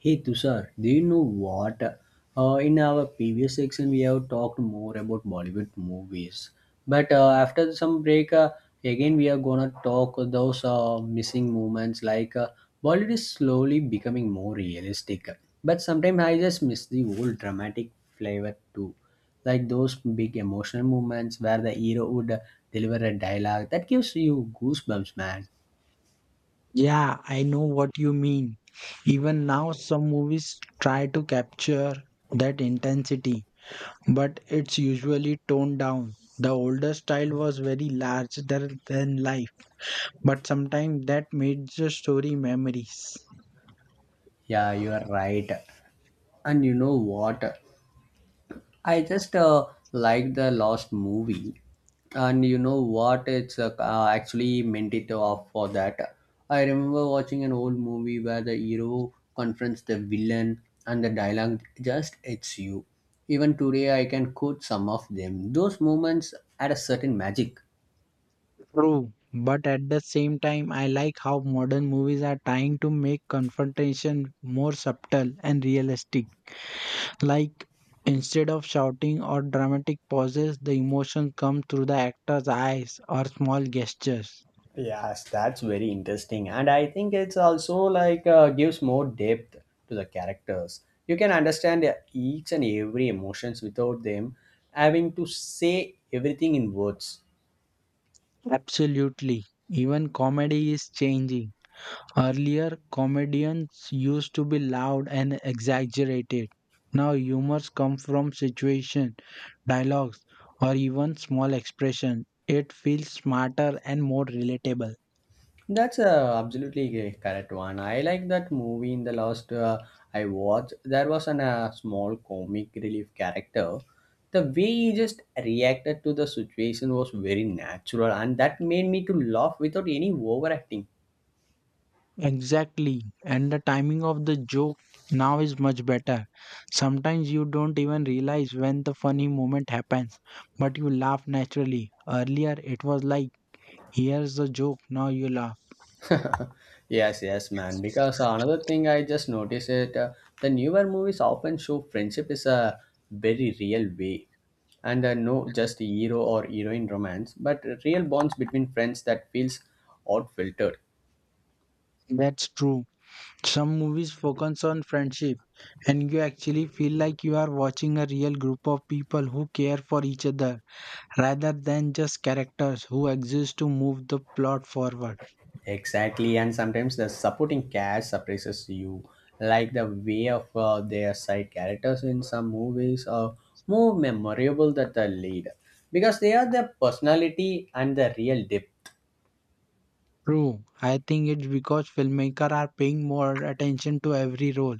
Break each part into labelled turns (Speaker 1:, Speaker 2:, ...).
Speaker 1: Hey Tushar, do you know what? In our previous section, we have talked more about Bollywood movies, but after some break, again we are gonna talk those missing moments. Bollywood is slowly becoming more realistic, but sometimes I just miss the old dramatic flavor too, like those big emotional moments where the hero would deliver a dialogue that gives you goosebumps, man.
Speaker 2: Yeah, I know what you mean. Even now, some movies try to capture that intensity, but it's usually toned down. The older style was very larger than life, but sometimes that made the story memories.
Speaker 1: Yeah, you are right. And you know what? I just like the last movie, and you know what? It's actually meant it off for that. I remember watching an old movie where the hero confronts the villain, and the dialogue just hits you. Even today, I can quote some of them. Those moments had a certain magic.
Speaker 2: True, but at the same time, I like how modern movies are trying to make confrontation more subtle and realistic. Like instead of shouting or dramatic pauses, the emotion comes through the actor's eyes or small gestures.
Speaker 1: Yes, that's very interesting. And I think it's also like gives more depth to the characters. You can understand each and every emotions without them having to say everything in words.
Speaker 2: Absolutely. Even comedy is changing. Earlier, comedians used to be loud and exaggerated. Now, humors come from situation, dialogues, or even small expression. It feels smarter and more relatable.
Speaker 1: That's absolutely a correct one. I like that movie in the last I watched. There was an small comic relief character. The way he just reacted to the situation was very natural and that made me to laugh without any overacting.
Speaker 2: Exactly. And the timing of the joke now is much better. Sometimes you don't even realize when the funny moment happens, but you laugh naturally. Earlier, it was like, here's the joke, now you laugh.
Speaker 1: Yes, yes, man. Because another thing I just noticed it, the newer movies often show friendship is a very real way, and no just hero or heroine romance, but real bonds between friends that feels odd filtered.
Speaker 2: That's true. Some movies focus on friendship, and you actually feel like you are watching a real group of people who care for each other rather than just characters who exist to move the plot forward.
Speaker 1: Exactly, and sometimes the supporting cast surprises you, like the way of their side characters in some movies are more memorable than the lead, because they are the personality and the real depth.
Speaker 2: True. I think it's because filmmakers are paying more attention to every role,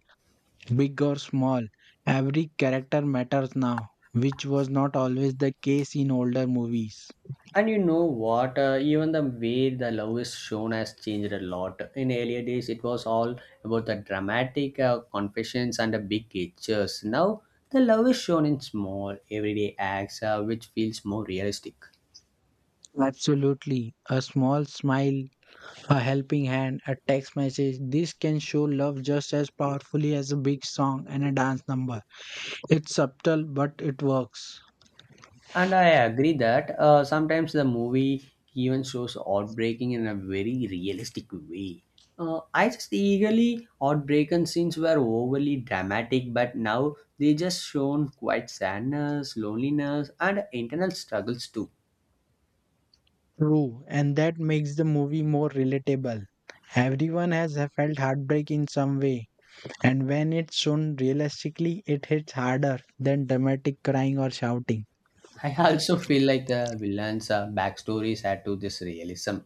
Speaker 2: big or small. Every character matters now, which was not always the case in older movies.
Speaker 1: And you know what? Even the way the love is shown has changed a lot. In earlier days, it was all about the dramatic confessions and the big gestures. Now, the love is shown in small, everyday acts, which feels more realistic.
Speaker 2: Absolutely. A small smile, a helping hand, a text message, this can show love just as powerfully as a big song and a dance number. It's subtle, but it works.
Speaker 1: And I agree that sometimes the movie even shows outbreaking in a very realistic way. I just eagerly outbreaking scenes were overly dramatic, but now they just shown quite sadness, loneliness, and internal struggles too.
Speaker 2: True. And that makes the movie more relatable. Everyone has felt heartbreak in some way. And when it's shown realistically, it hits harder than dramatic crying or shouting.
Speaker 1: I also feel like the villains' backstories add to this realism.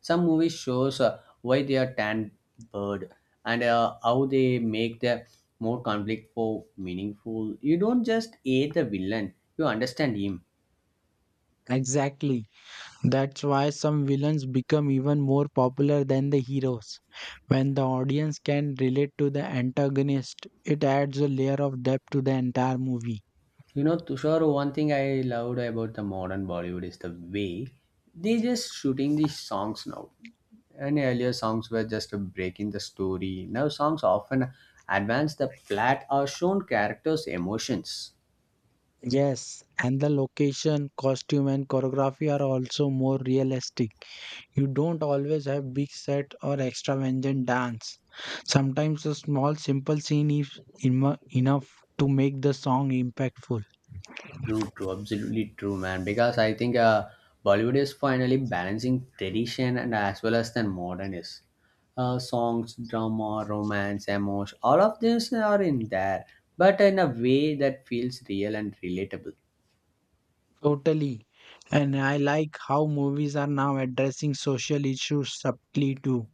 Speaker 1: Some movies shows why they are tanned bird and how they make the more conflictful meaningful. You don't just hate the villain; you understand him.
Speaker 2: Exactly. That's why some villains become even more popular than the heroes. When the audience can relate to the antagonist, it adds a layer of depth to the entire movie.
Speaker 1: You know, Tushar, one thing I loved about the modern Bollywood is the way they just shooting these songs now. And earlier songs were just a break in the story. Now songs often advance the plot or shown characters' emotions.
Speaker 2: Yes, and the location, costume, and choreography are also more realistic. You don't always have big set or extravagant dance. Sometimes a small simple scene is enough to make the song impactful.
Speaker 1: True, true, absolutely true, man. Because I think Bollywood is finally balancing tradition and as well as the modern is. Songs, drama, romance, emotion, all of these are in there, but in a way that feels real and relatable.
Speaker 2: Totally. And I like how movies are now addressing social issues subtly too.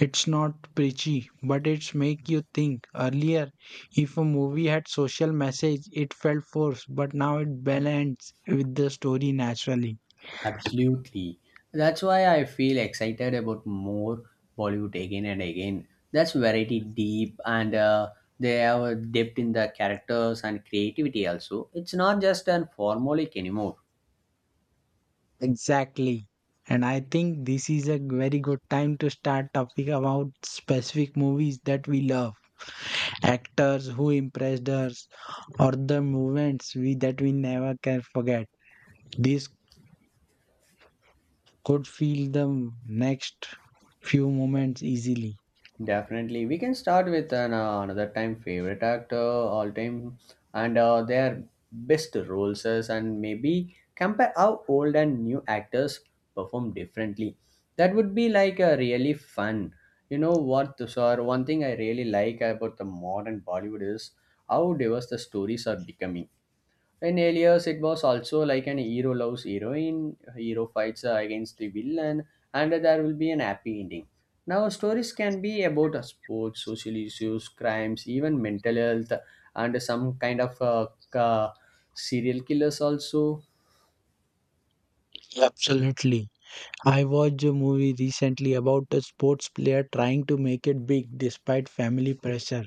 Speaker 2: It's not preachy, but it's make you think. Earlier, if a movie had social message, it felt forced, but now it balances with the story naturally.
Speaker 1: Absolutely. That's why I feel excited about more Bollywood again and again. That's variety deep and they have a depth in the characters and creativity also. It's not just an formulaic anymore.
Speaker 2: Exactly. And I think this is a very good time to start talking about specific movies that we love, actors who impressed us, or the moments we that we never can forget. This could feel the next few moments easily.
Speaker 1: Definitely, we can start with an another time favorite actor all time and their best roles is, and maybe compare how old and new actors perform differently. That would be like a really fun. You know what, Tushar? One thing I really like about the modern Bollywood is how diverse the stories are becoming. In Alias, it was also like an hero loves heroine, hero fights against the villain, and there will be an happy ending. Now, stories can be about sports, social issues, crimes, even mental health, and some kind of serial killers also.
Speaker 2: Absolutely. I watched a movie recently about a sports player trying to make it big despite family pressure.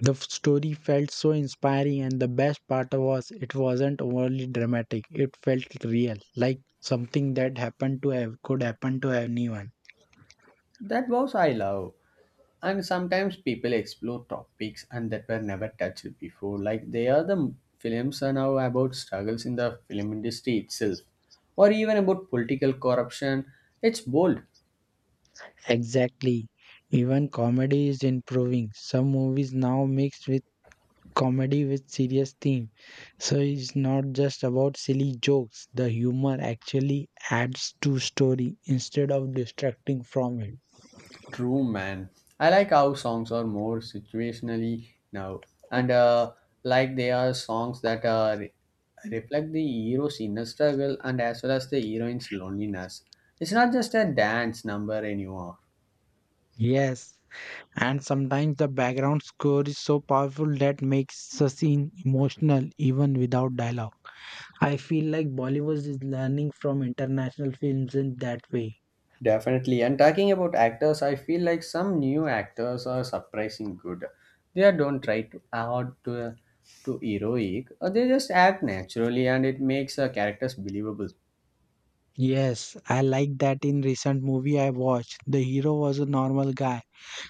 Speaker 2: The story felt so inspiring, and the best part was it wasn't overly dramatic. It felt real, like something that happened to have could happen to anyone.
Speaker 1: That was I love. And sometimes people explore topics and that were never touched before. Like they are the films are now about struggles in the film industry itself, or even about political corruption. It's bold,
Speaker 2: Exactly. Even comedy is improving. Some movies now mix with comedy with serious theme. So it's not just about silly jokes. The humor actually adds to story instead of distracting from it.
Speaker 1: true, man. I like how songs are more situationally now, and like they are songs that are reflect the hero's inner struggle and as well as the heroine's loneliness. It's not just a dance number anymore.
Speaker 2: Yes, and sometimes the background score is so powerful that makes a scene emotional even without dialogue. I feel like Bollywood is learning from international films in that way.
Speaker 1: Definitely. And talking about actors, I feel like some new actors are surprising good. They are don't try to add to heroic. Or they just act naturally, and it makes characters believable.
Speaker 2: Yes, I like that in recent movie I watched. The hero was a normal guy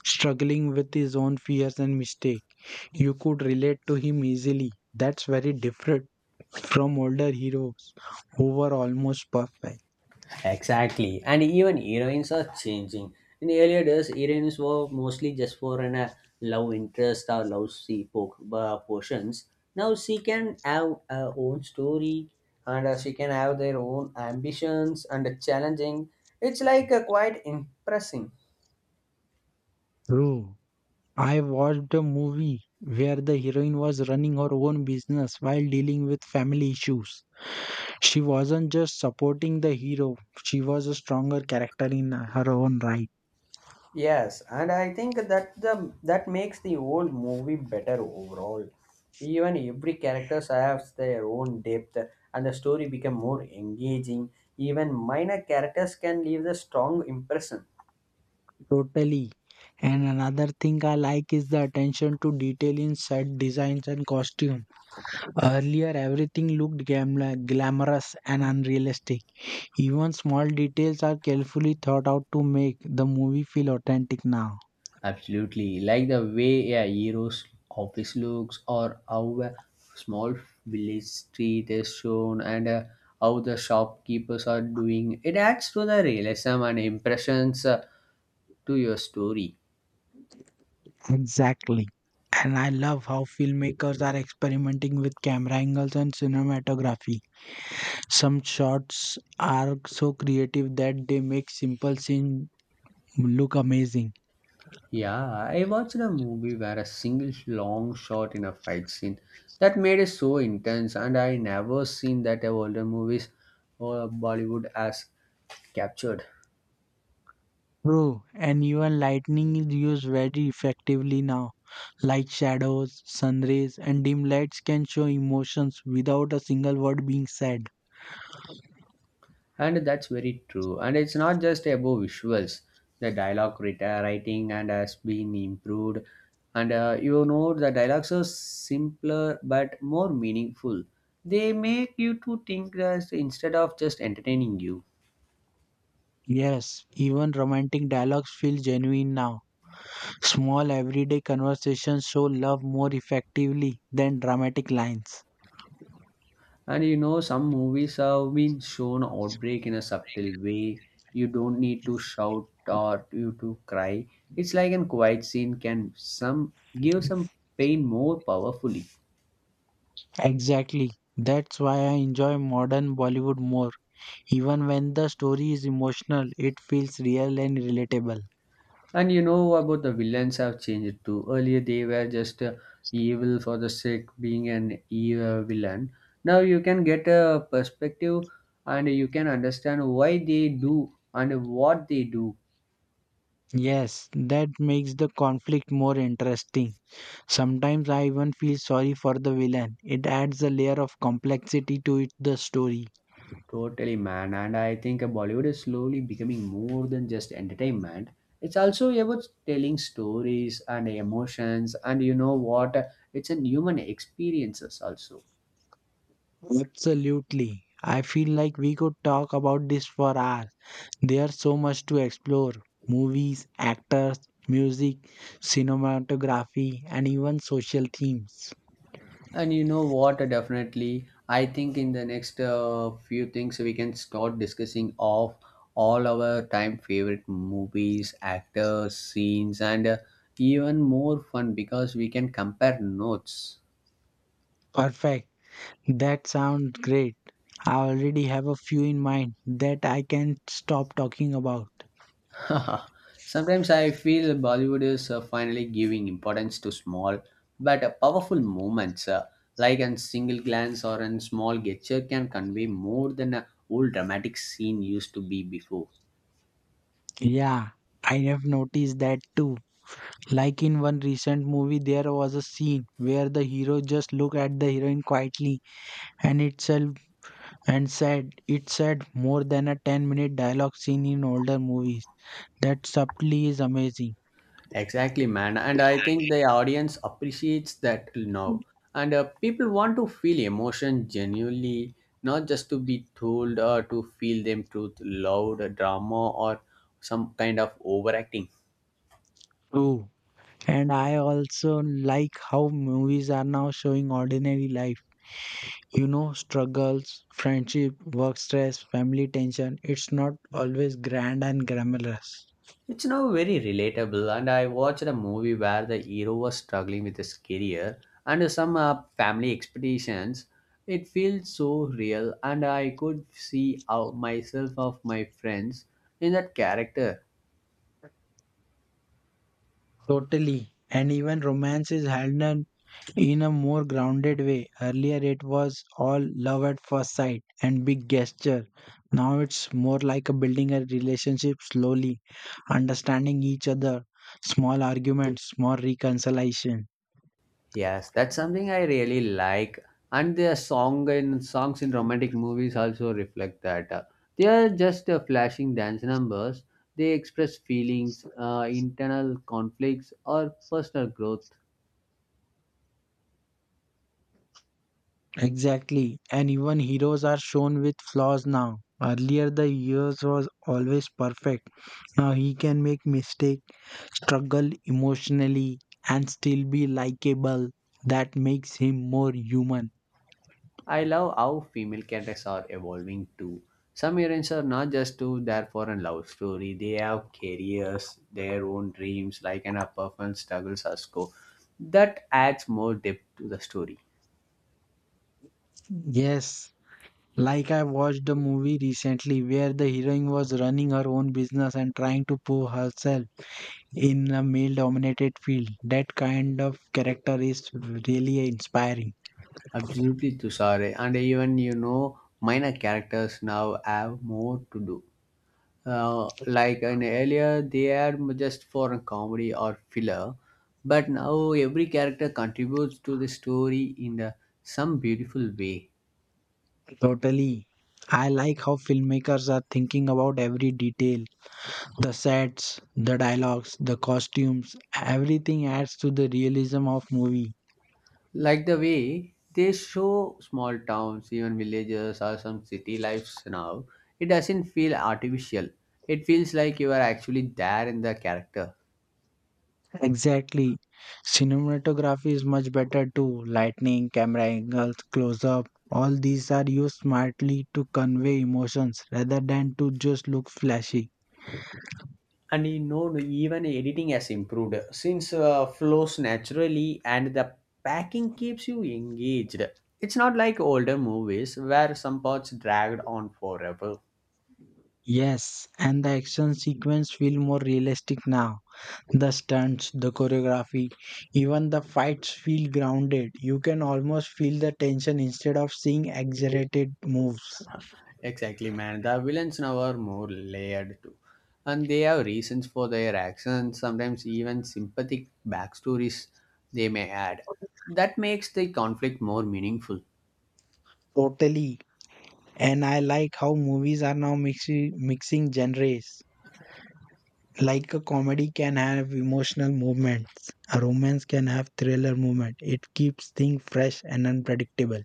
Speaker 2: struggling with his own fears and mistake. You could relate to him easily. That's very different from older heroes who were almost perfect.
Speaker 1: Exactly, and even heroines are changing. In earlier days, heroines were mostly just for an love interest or love portions. Now she can have her own story, and she can have their own ambitions and challenging. It's quite impressing.
Speaker 2: True. I watched a movie where the heroine was running her own business while dealing with family issues. She wasn't just supporting the hero, she was a stronger character in her own right.
Speaker 1: Yes, and I think that the that makes the whole movie better overall. Even every characters has their own depth, and the story become more engaging. Even minor characters can leave the strong impression.
Speaker 2: Totally. And another thing I like is the attention to detail in set designs and costume. Earlier, everything looked glamorous and unrealistic. Even small details are carefully thought out to make the movie feel authentic now.
Speaker 1: Absolutely, like the way a hero's office looks, or how a small village street is shown, and how the shopkeepers are doing. It adds to the realism and impressions to your story.
Speaker 2: Exactly. And I love how filmmakers are experimenting with camera angles and cinematography. Some shots are so creative that they make simple scenes look amazing.
Speaker 1: Yeah, I watched a movie where a single long shot in a fight scene that made it so intense, and I never seen that a older movies or Bollywood as captured.
Speaker 2: True, and even lightning is used very effectively now. Like shadows, sun rays, and dim lights can show emotions without a single word being said.
Speaker 1: And that's very true. And it's not just about visuals. The writing and has been improved, and you know the dialogues are simpler but more meaningful. They make you to think that instead of just entertaining you.
Speaker 2: Yes, even romantic dialogues feel genuine now. Small everyday conversations show love more effectively than dramatic lines.
Speaker 1: And you know, some movies have been shown outbreak in a subtle way. You don't need to shout or you to cry. It's like a quiet scene can some give some pain more powerfully.
Speaker 2: Exactly. That's why I enjoy modern Bollywood more. Even when the story is emotional, it feels real and relatable.
Speaker 1: And you know about the villains have changed too. Earlier they were just evil for the sake being an evil villain. Now you can get a perspective and you can understand why they do and what they do.
Speaker 2: Yes, that makes the conflict more interesting. Sometimes I even feel sorry for the villain. It adds a layer of complexity to it, the story.
Speaker 1: Totally, man. And I think Bollywood is slowly becoming more than just entertainment. It's also about telling stories and emotions, and you know what? It's in human experiences also.
Speaker 2: Absolutely. I feel like we could talk about this for hours. There's so much to explore movies, actors, music, cinematography, and even social themes.
Speaker 1: And you know what? Definitely, I think in the next few things we can start discussing of all our time favorite movies, actors, scenes, and even more fun because we can compare notes.
Speaker 2: Perfect. That sounds great. I already have a few in mind that I can stop talking about.
Speaker 1: Sometimes I feel Bollywood is finally giving importance to small but powerful moments, like a single glance or a small gesture can convey more than a whole dramatic scene used to be before.
Speaker 2: Yeah, I have noticed that too. Like in one recent movie, there was a scene where the hero just looked at the heroine quietly and itself and said it said more than a 10-minute dialogue scene in older movies. That subtly is amazing.
Speaker 1: Exactly, man. And I think the audience appreciates that till now. And people want to feel emotion genuinely, not just to be told or to feel them through loud drama or some kind of overacting.
Speaker 2: True. And I also like how movies are now showing ordinary life. You know, struggles, friendship, work stress, family tension. It's not always grand and glamorous.
Speaker 1: It's now very relatable, and I watched a movie where the hero was struggling with his career and some family expectations. It feels so real, and I could see how myself of my friends in that character.
Speaker 2: Totally. And even romance is handled in a more grounded way. Earlier it was all love at first sight and big gesture. Now it's more like a building a relationship slowly understanding each other, small arguments, small reconciliation.
Speaker 1: Yes, that's something I really like, and the song in songs in romantic movies also reflect that. They are just flashing dance numbers. They express feelings, internal conflicts, or personal growth.
Speaker 2: Exactly. And even heroes are shown with flaws now. Earlier the years was always perfect. Now he can make mistake, struggle emotionally and still be likable. That makes him more human.
Speaker 1: I love how female characters are evolving too. Some heroines are not just to there for a love story. They have careers, their own dreams, like an upperfront struggles as go. That adds more depth to the story.
Speaker 2: Yes. Like I watched a movie recently where the heroine was running her own business and trying to prove herself in a male dominated field. That kind of character is really inspiring.
Speaker 1: Absolutely, Tushare. And even you know, minor characters now have more to do. Like in earlier, they are just for a comedy or filler, but now every character contributes to the story in the, some beautiful way.
Speaker 2: Totally. I like how filmmakers are thinking about every detail the sets, the dialogues, the costumes, everything adds to the realism of movie.
Speaker 1: Like the way they show small towns, even villages or some city lives now, it doesn't feel artificial. It feels like you are actually there in the character.
Speaker 2: Exactly. Cinematography is much better too. Lightning, camera angles, close up, all these are used smartly to convey emotions rather than to just look flashy.
Speaker 1: And you know, even editing has improved since flows naturally and the packing keeps you engaged. It's not like older movies where some parts dragged on forever.
Speaker 2: Yes, and the action sequence feel more realistic now. The stunts, the choreography, even the fights feel grounded. You can almost feel the tension instead of seeing exaggerated moves.
Speaker 1: Exactly, man. The villains now are more layered too. And they have reasons for their actions, sometimes even sympathetic backstories they may add. That makes the conflict more meaningful.
Speaker 2: Totally. And I like how movies are now mixing genres. Like a comedy can have emotional movements, a romance can have thriller movement. It keeps things fresh and unpredictable.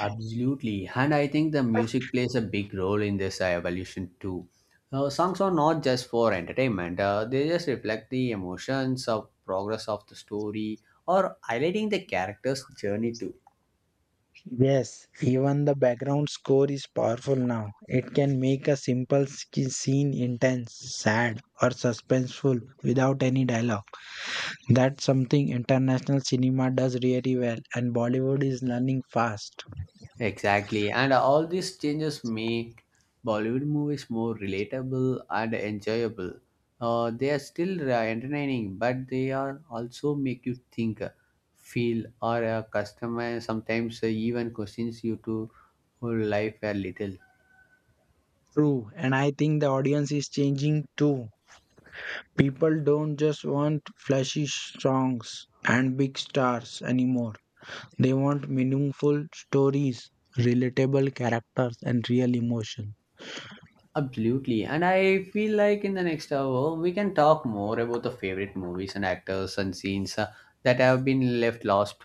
Speaker 1: Absolutely. And I think the music plays a big role in this evolution too. Songs are not just for entertainment, they just reflect the emotions of progress of the story or highlighting the character's journey too.
Speaker 2: Yes, even the background score is powerful now. It can make a simple scene intense, sad, or suspenseful without any dialogue. That's something international cinema does really well, and Bollywood is learning fast.
Speaker 1: Exactly, and all these changes make Bollywood movies more relatable and enjoyable. They are still entertaining, but they are also make you think, feel, or customize. Sometimes even questions you to whole life a little.
Speaker 2: True, and I think the audience is changing too. People don't just want flashy songs and big stars anymore, they want meaningful stories, relatable characters, and real emotion.
Speaker 1: Absolutely. And I feel like in the next hour, we can talk more about the favorite movies and actors and scenes that have been left lost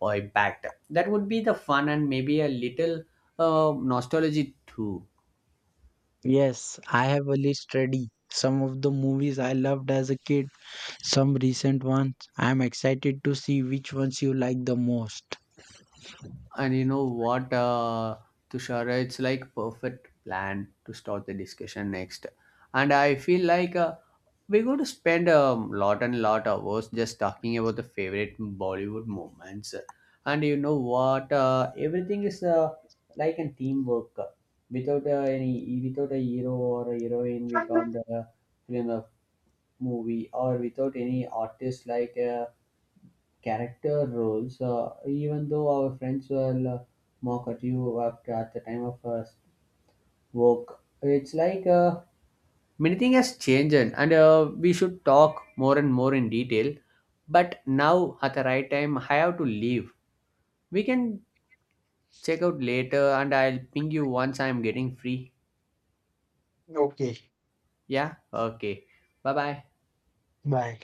Speaker 1: or impacted. That would be the fun and maybe a little nostalgia too.
Speaker 2: Yes, I have a list ready. Some of the movies I loved as a kid, some recent ones. I am excited to see which ones you like the most.
Speaker 1: And you know what, Tushara, it's like perfect plan to start the discussion next. And I feel like we're going to spend a lot and lot hours just talking about the favorite Bollywood moments. And you know what, everything is like a teamwork. Without without a hero or a heroine, we can't film a movie. Or without any artist like character roles, even though our friends will mock at you after at the time of work. It's like many things has changed, and we should talk more and more in detail. But now at the right time, I have to leave. We can check out later, and I'll ping you once I'm getting free.
Speaker 2: Okay,
Speaker 1: Yeah, okay. Bye bye.
Speaker 2: bye.